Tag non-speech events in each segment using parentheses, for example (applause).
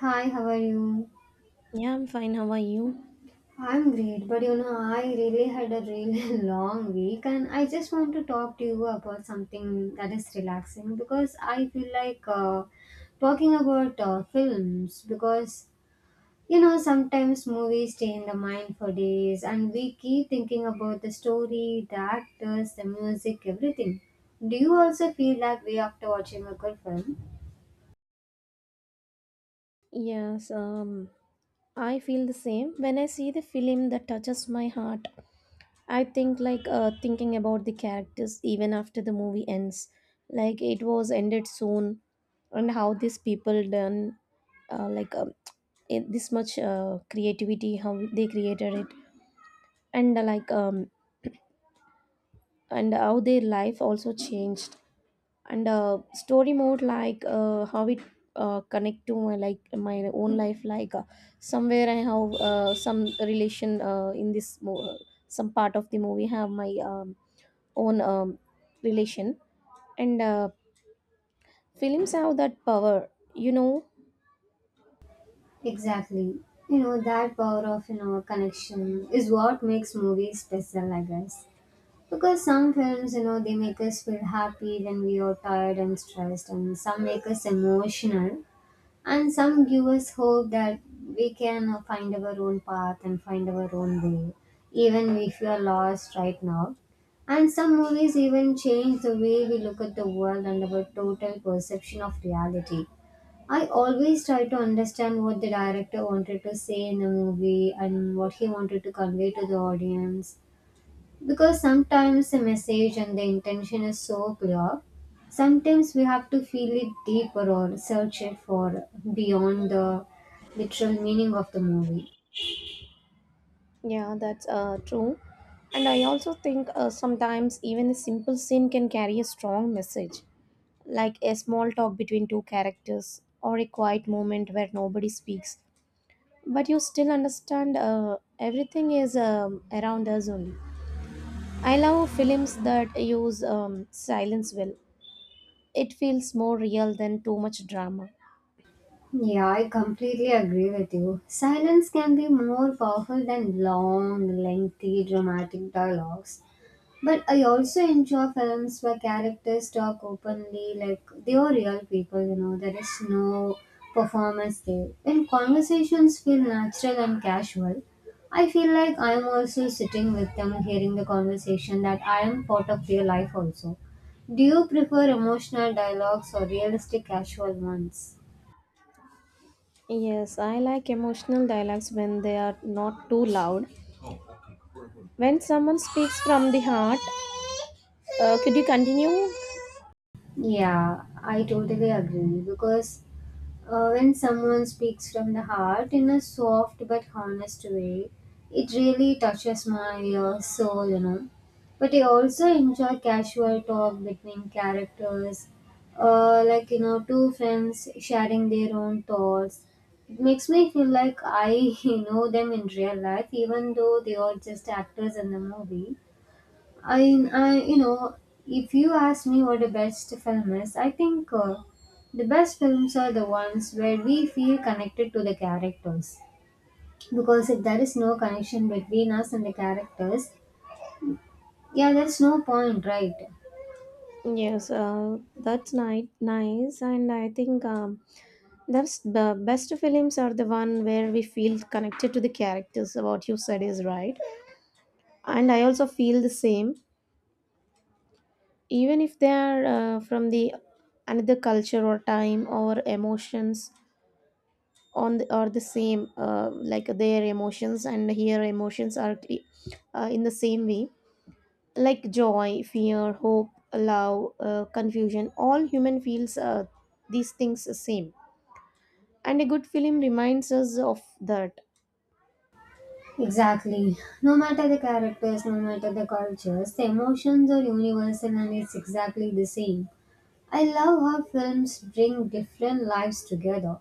Hi, how are you? Yeah, I'm fine. How are you? I'm great, but you know, I really had a really (laughs) long week, and I just want to talk to you about something that is relaxing because I feel like talking about films because you know, sometimes movies stay in the mind for days, and we keep thinking about the story, the actors, the music, everything. Do you also feel that way after watching a good film? Yes, I feel the same. When I see the film that touches my heart, I think like thinking about the characters even after the movie ends. Like it was ended soon, and how these people done, uh, like um, it, this much creativity, how they created it, and and how their life also changed. And story mode like how it connect to my like my own life like somewhere I have some relation in this some part of the movie have my own relation and films have that power you know Exactly. You know, that power of, you know, connection is what makes movies special, I guess. Because some films, you know, they make us feel happy when we are tired and stressed, and some make us emotional, and some give us hope that we can find our own path and find our own way, even if we are lost right now. And some movies even change the way we look at the world and our total perception of reality. I always try to understand what the director wanted to say in a movie and what he wanted to convey to the audience because sometimes the message and the intention is so clear. Sometimes we have to feel it deeper or search it for beyond the literal meaning of the movie. yeah, that's true. And I also think sometimes even a simple scene can carry a strong message, like a small talk between two characters or a quiet moment where nobody speaks, but you still understand everything is around us only. I love films that use silence well. It feels more real than too much drama. Yeah, I completely agree with you. Silence can be more powerful than long, lengthy, dramatic dialogues. But I also enjoy films where characters talk openly, like they are real people, you know, there is no performance there. When conversations feel natural and casual, I feel like I'm also sitting with them, hearing the conversation, that I am part of their life also. Do you prefer emotional dialogues or realistic casual ones? Yes, I like emotional dialogues when they are not too loud. When someone speaks from the heart, could you continue? Yeah, I totally agree because when someone speaks from the heart in a soft but honest way, it really touches my soul, you know. But I also enjoy casual talk between characters, like you know, two friends sharing their own thoughts. It makes me feel like I (laughs) know them in real life, even though they are just actors in the movie. I you know If you ask me what the best film is, I think the best films are the ones where we feel connected to the characters, because if there is no connection between us and the characters, yeah, there's no point, right? Yes, that's nice, and I think that's the best films are the one where we feel connected to the characters. What you said is right. And I also feel the same, even if they are from the another culture or time or emotions on the, are the same, like their emotions and here emotions are in the same way, like joy, fear, hope, love, confusion, all human feels, these things the same. And a good film reminds us of that. Exactly. No matter the characters, no matter the cultures, the emotions are universal, and it's exactly the same. I love how films bring different lives together,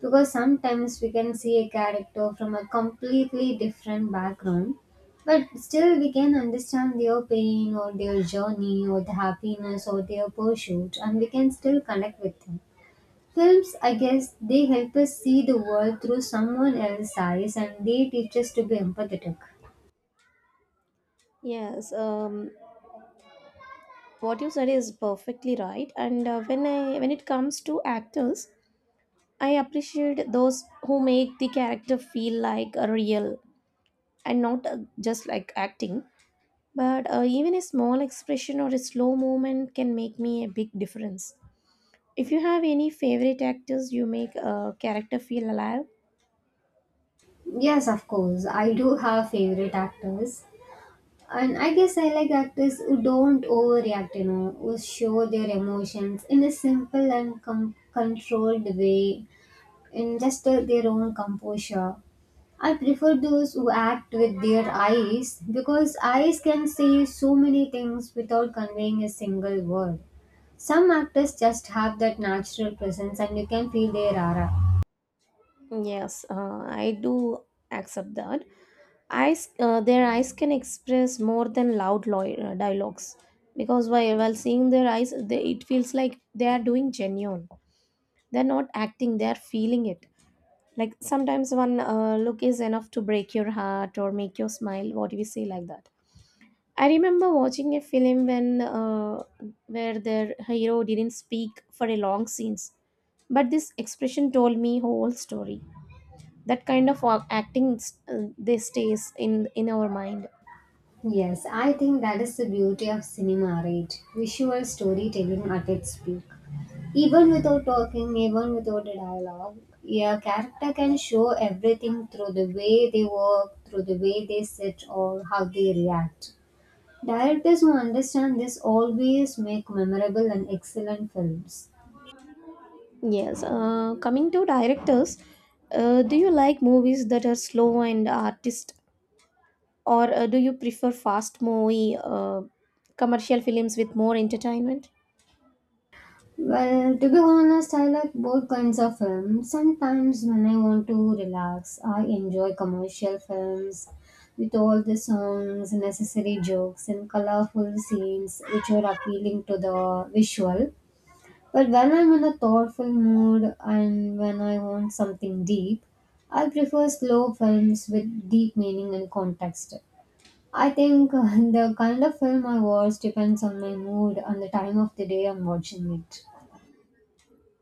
because sometimes we can see a character from a completely different background, but still we can understand their pain or their journey or the happiness or their pursuit, and we can still connect with them. Films, I guess, they help us see the world through someone else's eyes, and they teach us to be empathetic. Yes, what you said is perfectly right. And when I when it comes to actors, I appreciate those who make the character feel like a real and not just like acting. But even a small expression or a slow movement can make me a big difference. If you have any favorite actors, you make a character feel alive. Yes, of course I do have favorite actors. And I guess I like actors who don't overreact, you know, who show their emotions in a simple and controlled way, in just their own composure. I prefer those who act with their eyes because eyes can say so many things without conveying a single word. Some actors just have that natural presence and you can feel their aura. Yes, I do accept that. Eyes, their eyes can express more than loud dialogues, because while seeing their eyes, they, it feels like they are doing genuine. They're not acting; they are feeling it. Like sometimes one look is enough to break your heart or make you smile. What do we say like that? I remember watching a film when where their hero didn't speak for a long scenes, but this expression told me whole story. That kind of acting, they stays in our mind. Yes, I think that is the beauty of cinema, right? Visual storytelling at its peak. Even without talking, even without a dialogue, a character can show everything through the way they walk, through the way they sit, or how they react. Directors who understand this always make memorable and excellent films. Yes. Coming to directors, do you like movies that are slow and artist, or do you prefer fast movie commercial films with more entertainment? Well, to be honest, I like both kinds of films. Sometimes when I want to relax, I enjoy commercial films with all the songs, necessary jokes, and colorful scenes which are appealing to the visual. But when I'm in a thoughtful mood and when I want something deep, I prefer slow films with deep meaning and context. I think (laughs) the kind of film I watch depends on my mood and the time of the day I'm watching it.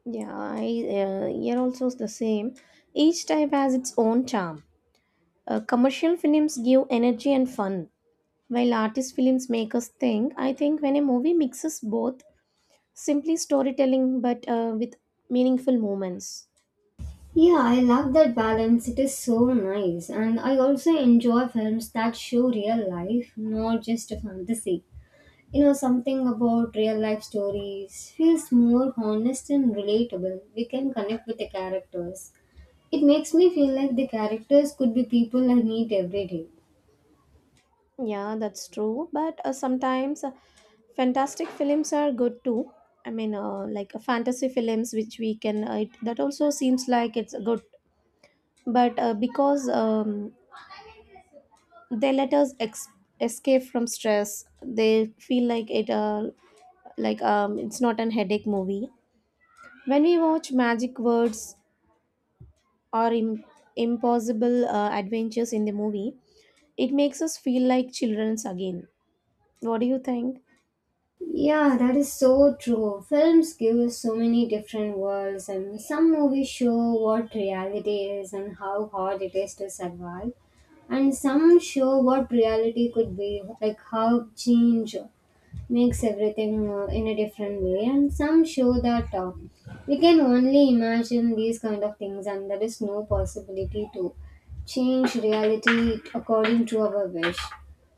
Yeah, I here also is the same. Each type has its own charm. Commercial films give energy and fun, while artist films make us think. I think when a movie mixes both, simply storytelling but with meaningful moments. Yeah, I love that balance. It is so nice. And I also enjoy films that show real life, not just a fantasy. You know, something about real life stories feels more honest and relatable. We can connect with the characters. It makes me feel like the characters could be people I meet every day. Yeah, that's true. But sometimes fantastic films are good too. I mean, like fantasy films, which we can it, that also seems like it's good, but because they let us escape from stress. They feel like it it's not an headache movie. When we watch magic words or impossible adventures in the movie, it makes us feel like children's again. What do you think? Yeah, that is so true. Films give us so many different worlds, and some movies show what reality is and how hard it is to survive, and some show what reality could be, like how change makes everything in a different way, and some show that we can only imagine these kind of things and there is no possibility to change reality according to our wish.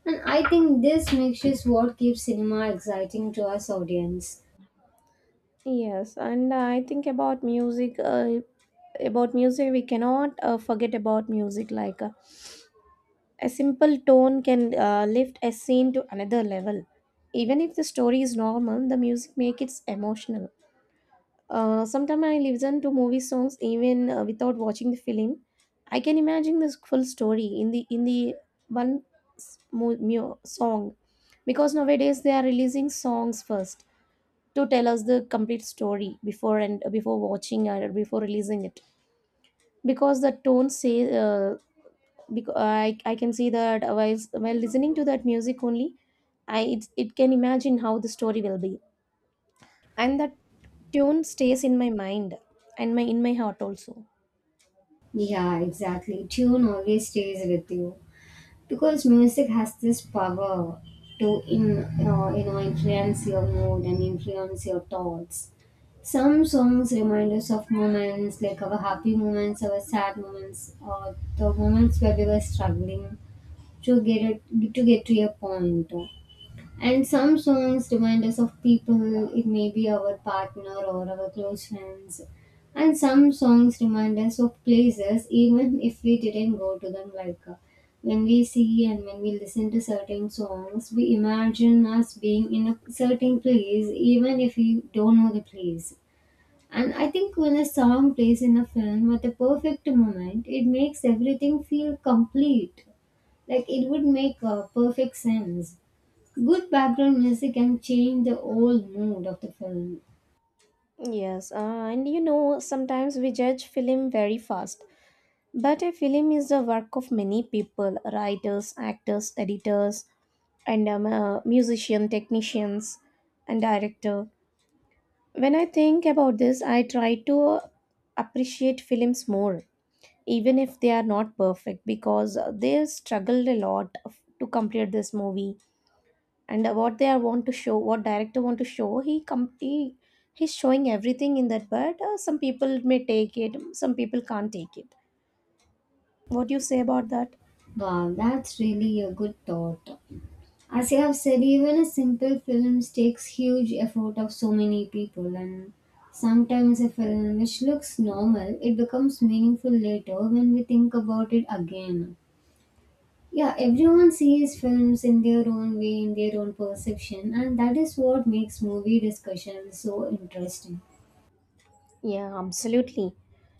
And I think this makes is what keeps cinema exciting to us audience. Yes, and I think about music. About music, we cannot forget about music. Like a simple tone can lift a scene to another level. Even if the story is normal, the music makes it emotional. Sometimes I listen to movie songs even without watching the film. I can imagine this full story in the one song, because nowadays they are releasing songs first to tell us the complete story before, and before watching or before releasing it, because the tone say, uh, because I can see that while listening to that music only, it can imagine how the story will be, and that tune stays in my mind and my in my heart also. Yeah, exactly, tune always stays with you because music has this power to in you know, influence your mood and influence your thoughts. Some songs remind us of moments, like our happy moments, our sad moments, or the moments where we were struggling to get to a point. And some songs remind us of people, it may be our partner or our close friends. And some songs remind us of places, even if we didn't go to them. Like when we see and when we listen to certain songs, we imagine us being in a certain place, even if we don't know the place. And I think when a song plays in a film at the perfect moment, it makes everything feel complete. Like it would make perfect sense. Good background music can change the whole mood of the film. Yes, and you know sometimes we judge film very fast, but a film is the work of many people: writers, actors, editors, and musician, technicians, and director. When I think about this, I try to appreciate films more, even if they are not perfect, because they struggled a lot to complete this movie. And what they are want to show, what director want to show, he com- he he's showing everything in that. But some people may take it, some people can't take it. What do you say about that? Wow, that's really a good thought. As you have said, even a simple film takes huge effort of so many people, and sometimes a film which looks normal, it becomes meaningful later when we think about it again. Yeah, everyone sees films in their own way, in their own perception, and that is what makes movie discussion so interesting. Yeah, absolutely.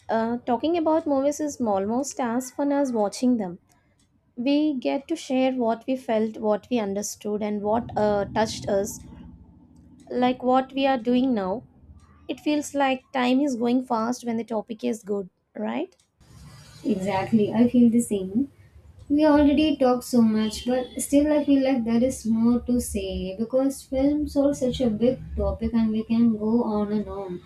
Talking about movies is almost as fun as watching them. We get to share what we felt, what we understood, and what touched us, like what we are doing now. It feels like time is going fast when the topic is good, right? Exactly, I feel the same. We already talked so much, but still I feel like there is more to say because films are such a big topic and we can go on and on.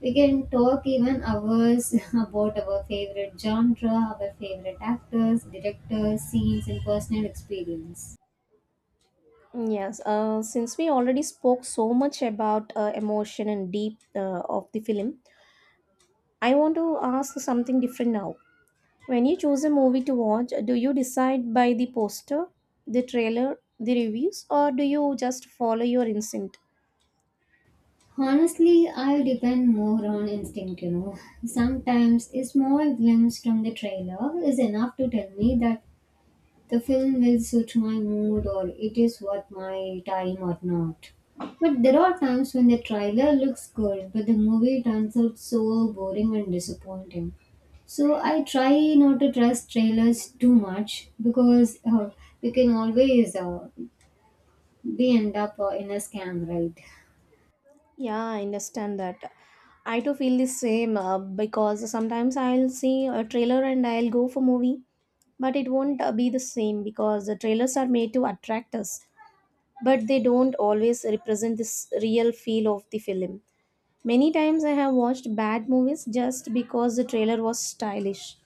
We can talk even hours (laughs) about our favorite genre, our favorite actors, directors, scenes, and personal experience. Yes, since we already spoke so much about emotion and deep of the film, I want to ask something different now. When you choose a movie to watch, do you decide by the poster, the trailer, the reviews, or do you just follow your instinct? Honestly, I depend more on instinct, you know. Sometimes a small glimpse from the trailer is enough to tell me that the film will suit my mood or it is worth my time or not. But there are times when the trailer looks good, but the movie turns out so boring and disappointing. So I try not to trust trailers too much because you can always be end up in a scam, right? Yeah, I understand that. I too feel the same, because sometimes I'll see a trailer and I'll go for movie, but it won't be the same because the trailers are made to attract us, but they don't always represent this real feel of the film. Many times I have watched bad movies just because the trailer was stylish.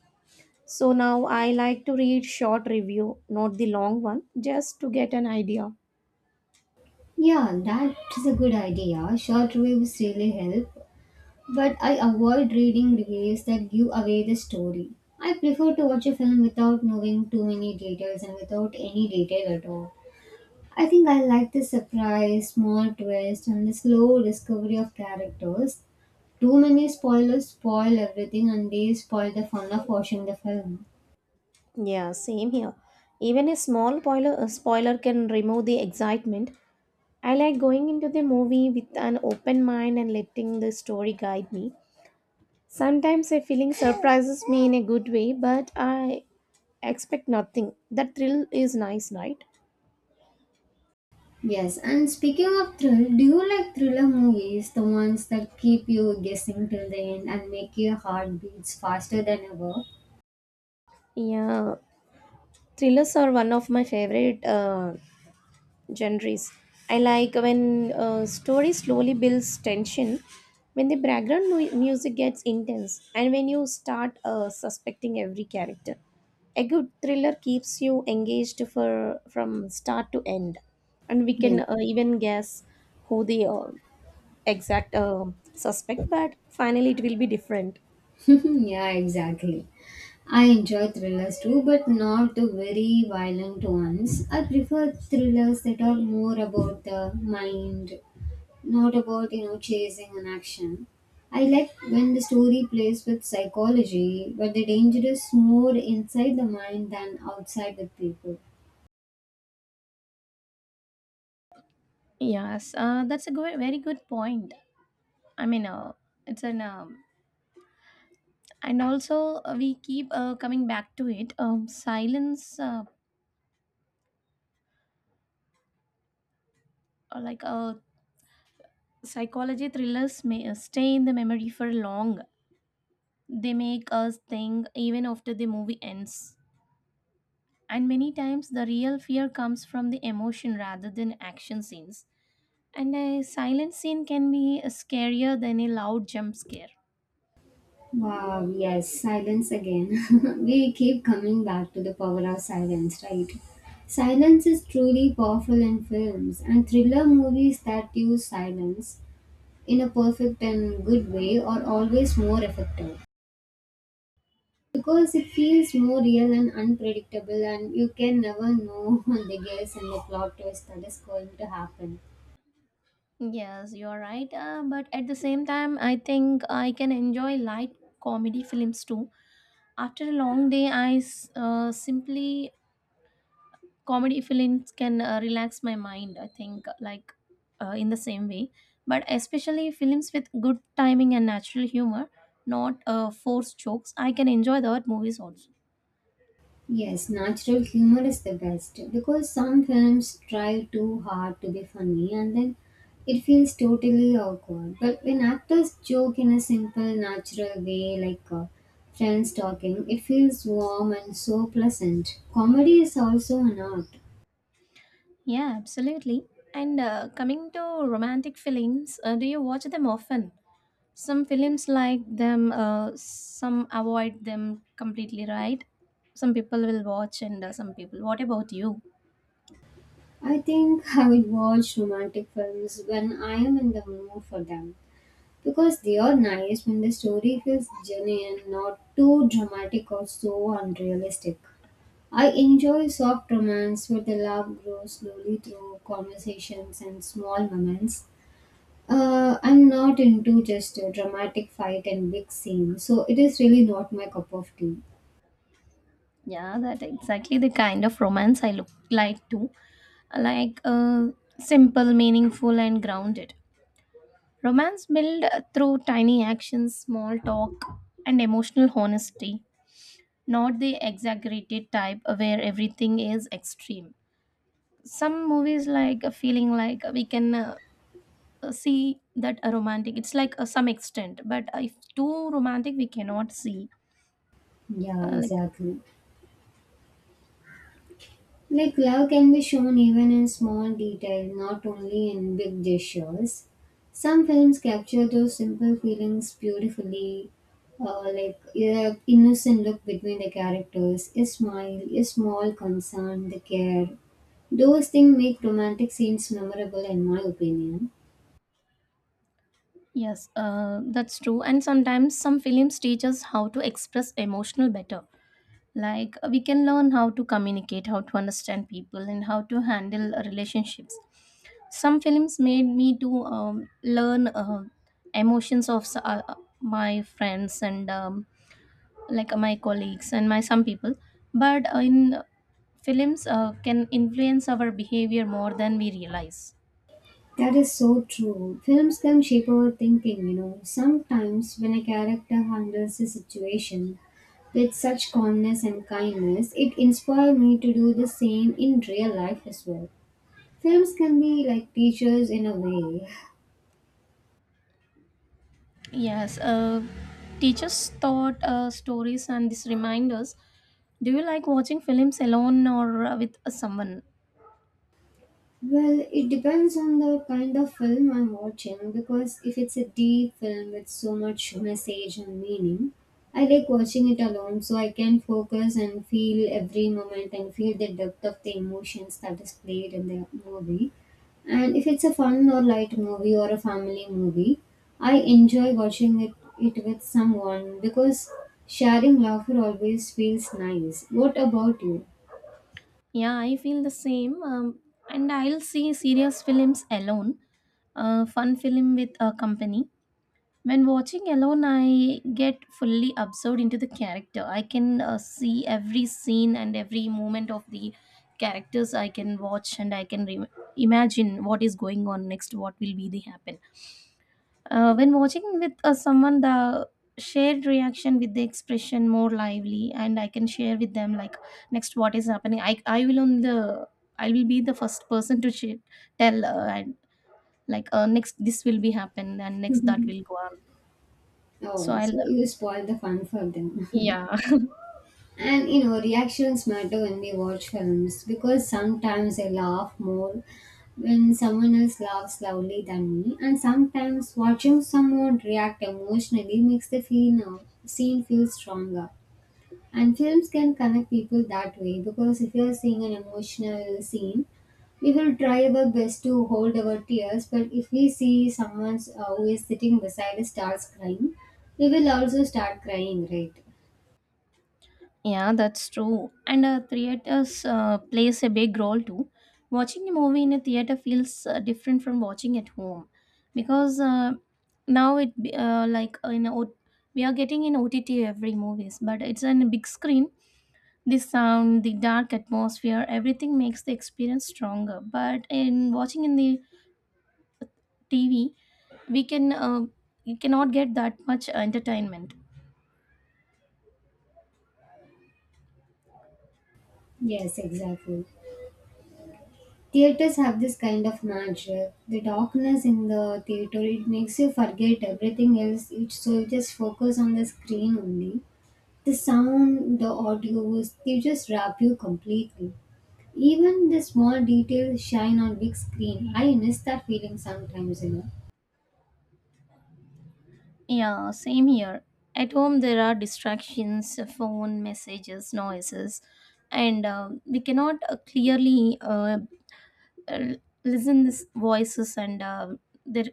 So now I like to read short review, not the long one, just to get an idea. Yeah, that is a good idea. Short reviews really help. But I avoid reading reviews that give away the story. I prefer to watch a film without knowing too many details and without any detail at all. I think I like the surprise, small twist, and the slow discovery of characters. Too many spoilers spoil everything and they spoil the fun of watching the film. Yeah, same here. Even a small spoiler, a spoiler can remove the excitement. I like going into the movie with an open mind and letting the story guide me. Sometimes a feeling surprises me in a good way, but I expect nothing. That thrill is nice, right? Yes, and speaking of thrill, do you like thriller movies? The ones that keep you guessing till the end and make your heart beats faster than ever? Yeah, thrillers are one of my favorite genres. I like when a story slowly builds tension, when the background music gets intense, and when you start suspecting every character. A good thriller keeps you engaged for from start to end, and we Yeah. can even guess who the exact suspect. But finally, it will be different. (laughs) Yeah, exactly. I enjoy thrillers too, but not the very violent ones. I prefer thrillers that are more about the mind, not about you know chasing an action. I like when the story plays with psychology, but the danger is more inside the mind than outside with people. Yes, that's a good, very good point. I mean, it's an and also we keep coming back to it, silence, or like psychology thrillers may stay in the memory for long. They make us think even after the movie ends, and many times the real fear comes from the emotion rather than action scenes, and a silent scene can be scarier than a loud jump scare. Wow, yes, silence again. (laughs) We keep coming back to the power of silence, right? Silence is truly powerful in films, and thriller movies that use silence in a perfect and good way are always more effective because it feels more real and unpredictable, and you can never know (laughs) the guess and the plot twist that is going to happen. Yes, you're right, but at the same time I think I can enjoy light comedy films too. After a long day, simply comedy films can relax my mind. I think like in the same way, but especially films with good timing and natural humor, not forced jokes. I can enjoy that movies also. Yes, natural humor is the best because some films try too hard to be funny and then it feels totally awkward, but when actors joke in a simple natural way, like friends talking, it feels warm and so pleasant. Comedy is also an art. Yeah, absolutely. And coming to romantic films, do you watch them often? Some films like them, some avoid them completely, right? Some people will watch and some people. What about you? I think I will watch romantic films when I am in the mood for them because they are nice when the story feels genuine, not too dramatic or so unrealistic. I enjoy soft romance where the love grows slowly through conversations and small moments. I'm not into just a dramatic fight and big scene, so it is really not my cup of tea. Yeah, that exactly the kind of romance I look like too. Like simple, meaningful, and grounded. Romance built through tiny actions, small talk, and emotional honesty, not the exaggerated type where everything is extreme. Some movies like a feeling, like we can see that a romantic. It's like some extent, but if too romantic, we cannot see. Yeah, Like, exactly. Like love can be shown even in small details, not only in big gestures. Some films capture those simple feelings beautifully, like a innocent look between the characters, a smile, a small concern, the care. Those things make romantic scenes memorable, in my opinion. yes, that's true. And sometimes some films teach us how to express emotional better. Like we can learn how to communicate, how to understand people, and how to handle relationships. Some films made me to learn emotions of my friends and my colleagues and my some people. But in films, can influence our behavior more than we realize. That is so true. Films can shape our thinking, you know. Sometimes, when a character handles a situation with such calmness and kindness, it inspired me to do the same in real life as well. Films can be like teachers in a way. Yes, teachers taught stories and these reminders. Do you like watching films alone or with someone? Well, it depends on the kind of film I'm watching, because if it's a deep film with so much message and meaning, I like watching it alone so I can focus and feel every moment and feel the depth of the emotions that is played in the movie. And if it's a fun or light movie or a family movie, I enjoy watching it with someone because sharing laughter always feels nice. What about you? Yeah, I feel the same. And I'll see serious films alone, fun film with a company. When watching alone, I get fully absorbed into the character. I can see every scene and every moment of the characters. I can watch and I can imagine what is going on next, what will be the happen. When watching with someone, the shared reaction with the expression more lively, and I can share with them like next what is happening. I will be the first person to share, tell, and next this will be happen and next that will (laughs) go on. So Oh, I'll, so you spoil the fun for them. yeah. (laughs) And you know, reactions matter when we watch films, because sometimes I laugh more when someone else laughs loudly than me, and sometimes watching someone react emotionally makes the scene feel stronger. And films can connect people that way, because if you're seeing an emotional scene, we will try our best to hold our tears, but if we see someone who is sitting beside us starts crying, we will also start crying, right? Yeah, that's true. And theaters plays a big role too. Watching a movie in a theater feels different from watching at home because now it be- like in o- we are getting in OTT every movies, but it's on a big screen. The sound, the dark atmosphere, everything makes the experience stronger. But in watching in the TV, we can you cannot get that much entertainment. Yes, exactly. Theaters have this kind of magic. The darkness in the theater, it makes you forget everything else. It so you just focus on the screen only. The sound, the audio, they just wrap you completely. Even the small details shine on big screen. I miss that feeling sometimes, you know. Yeah, same here. At home, there are distractions, phone messages, noises, and we cannot clearly, l- listen this voices and their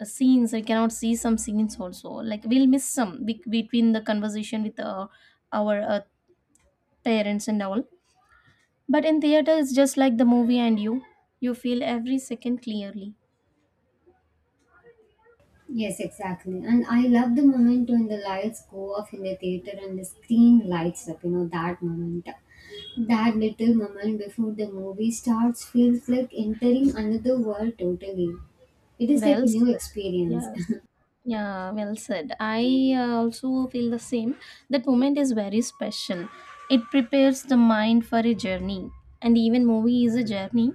scenes. We cannot see some scenes also. Like we'll miss some between the conversation with our parents and all. But in theater, it's just like the movie and you. You feel every second clearly. Yes, exactly. And I love the moment when the lights go off in the theater and the screen lights up, you know, that moment. That little moment before the movie starts feels like entering another world totally. It is like a Well new said. experience. (laughs) Yes. Yeah, well said. I, also feel the same. That moment is very special. It prepares the mind for a journey. And even movie is a journey,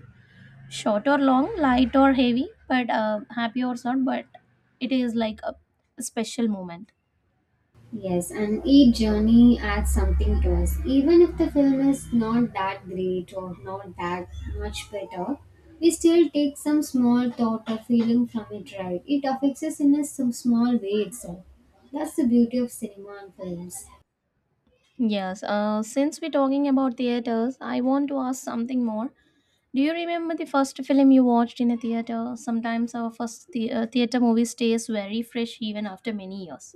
short or long, light or heavy, but happy or sad, but it is like a special moment. Yes, and each journey adds something to us. Even if the film is not that great or not that much better, we still take some small thought or feeling from it, right? It affects us in a some small way itself. That's the beauty of cinema and films. Yes, since we're talking about theaters, I want to ask something more. Do you remember the first film you watched in a theater? Sometimes our first theater movie stays very fresh even after many years.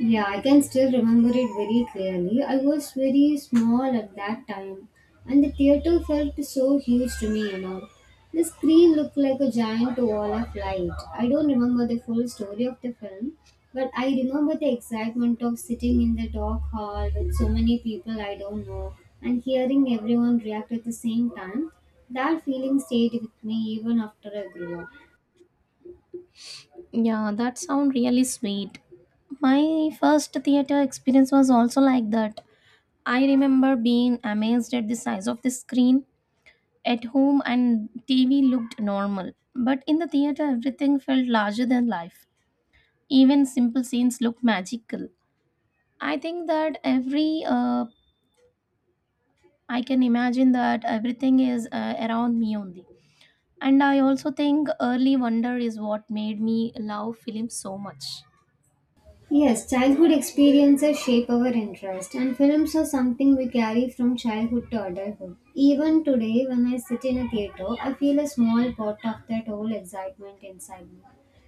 Yeah, I can still remember it very clearly. I was very small at that time, and the theater felt so huge to me, you know. The screen looked like a giant wall of light. I don't remember the full story of the film, but I remember the excitement of sitting in the dark hall with so many people I don't know and hearing everyone react at the same time. That feeling stayed with me even after I grew up. Yeah, that sounds really sweet. My first theater experience was also like that. I remember being amazed at the size of the screen. At home, and TV looked normal, but in the theater, everything felt larger than life. Even simple scenes looked magical. I think that every I can imagine that everything is around me only. And I also think Early Wonder is what made me love films so much. Yes, childhood experiences shape our interest, and films are something we carry from childhood to adulthood. Even today, when I sit in a theater, I feel a small part of that whole excitement inside me.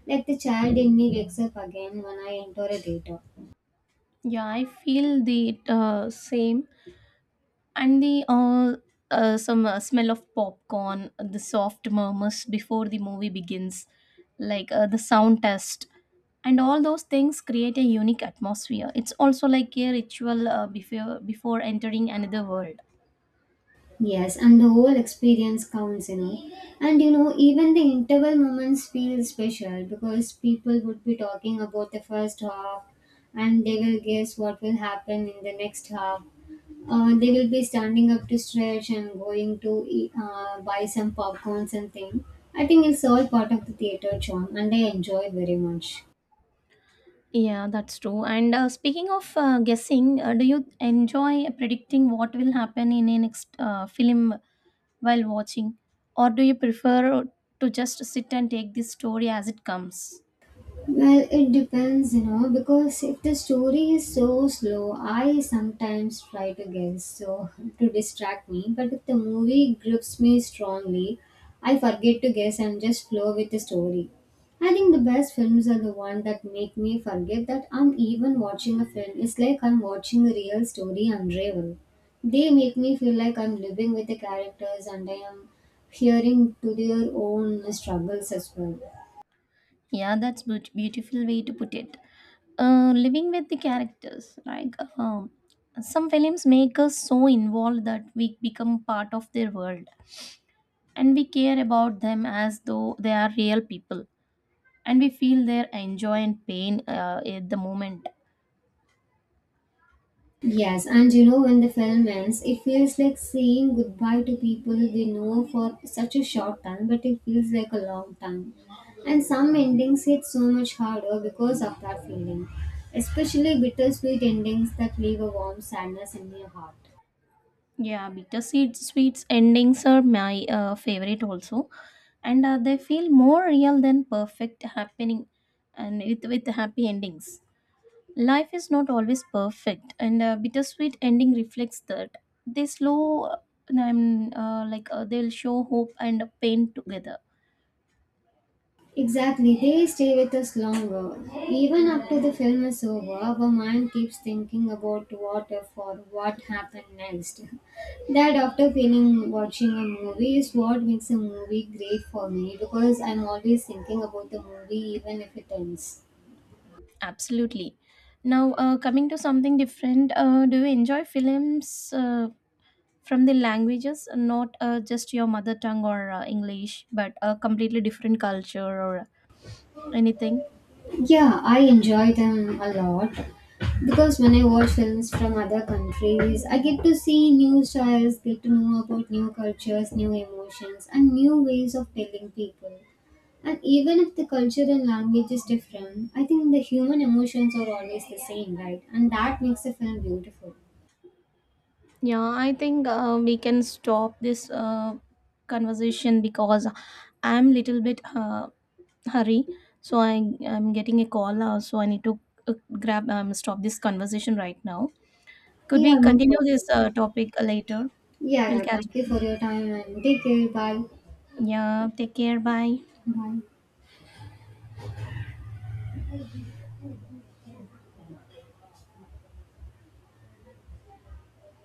Like the child in me wakes up again when I enter a theater. Yeah, I feel the same. And the some smell of popcorn, the soft murmurs before the movie begins, the sound test, and all those things create a unique atmosphere. It's also like a ritual, before entering another world. Yes, and the whole experience counts, you know. And you know, even the interval moments feel special because people would be talking about the first half and they will guess what will happen in the next half. They will be standing up to stretch and going to eat, buy some popcorns and thing. I think it's all part of the theater charm and I enjoy very much. Yeah, that's true. And speaking of guessing, do you enjoy predicting what will happen in a next film while watching? Or do you prefer to just sit and take the story as it comes? Well, it depends, you know, because if the story is so slow, I sometimes try to guess so (laughs) to distract me. But if the movie grips me strongly, I forget to guess and just flow with the story. I think the best films are the one that make me forget that I'm even watching a film. It's like I'm watching a real story unravel. They make me feel like I'm living with the characters and I am hearing to their own struggles as well. Yeah, that's beautiful way to put it. Living with the characters, some films make us so involved that we become part of their world and we care about them as though they are real people and we feel their enjoy and pain at the moment. Yes, and you know, when the film ends, it feels like saying goodbye to people we know for such a short time, but it feels like a long time. And some endings hit so much harder because of that feeling, especially bittersweet endings that leave a warm sadness in your heart. Yeah, bitter seed sweets endings are my favorite also, and they feel more real than perfect happening, and with happy endings. Life is not always perfect, and a bittersweet ending reflects that. They slow, they'll show hope and pain together. Exactly, they stay with us longer. Even after the film is over, our mind keeps thinking about what if or what happened next. That after feeling watching a movie is what makes a movie great for me because I'm always thinking about the movie even if it ends. Absolutely. Now, coming to something different, do you enjoy films from the languages, not just your mother tongue or English, but a completely different culture or anything? Yeah, I enjoy them a lot because when I watch films from other countries, I get to see new styles, get to know about new cultures, new emotions, and new ways of telling people. And even if the culture and language is different, I think the human emotions are always the same, right? And that makes the film beautiful. Yeah, I think we can stop this conversation because I'm little bit hurry. So I'm getting a call now, so I need to, uh, grab stop this conversation right now. Could Yeah, we no continue this problem. topic later? Yeah, We'll yeah. catch Thank up you for later. your time and take care. Bye. Yeah, take care. Bye. Bye.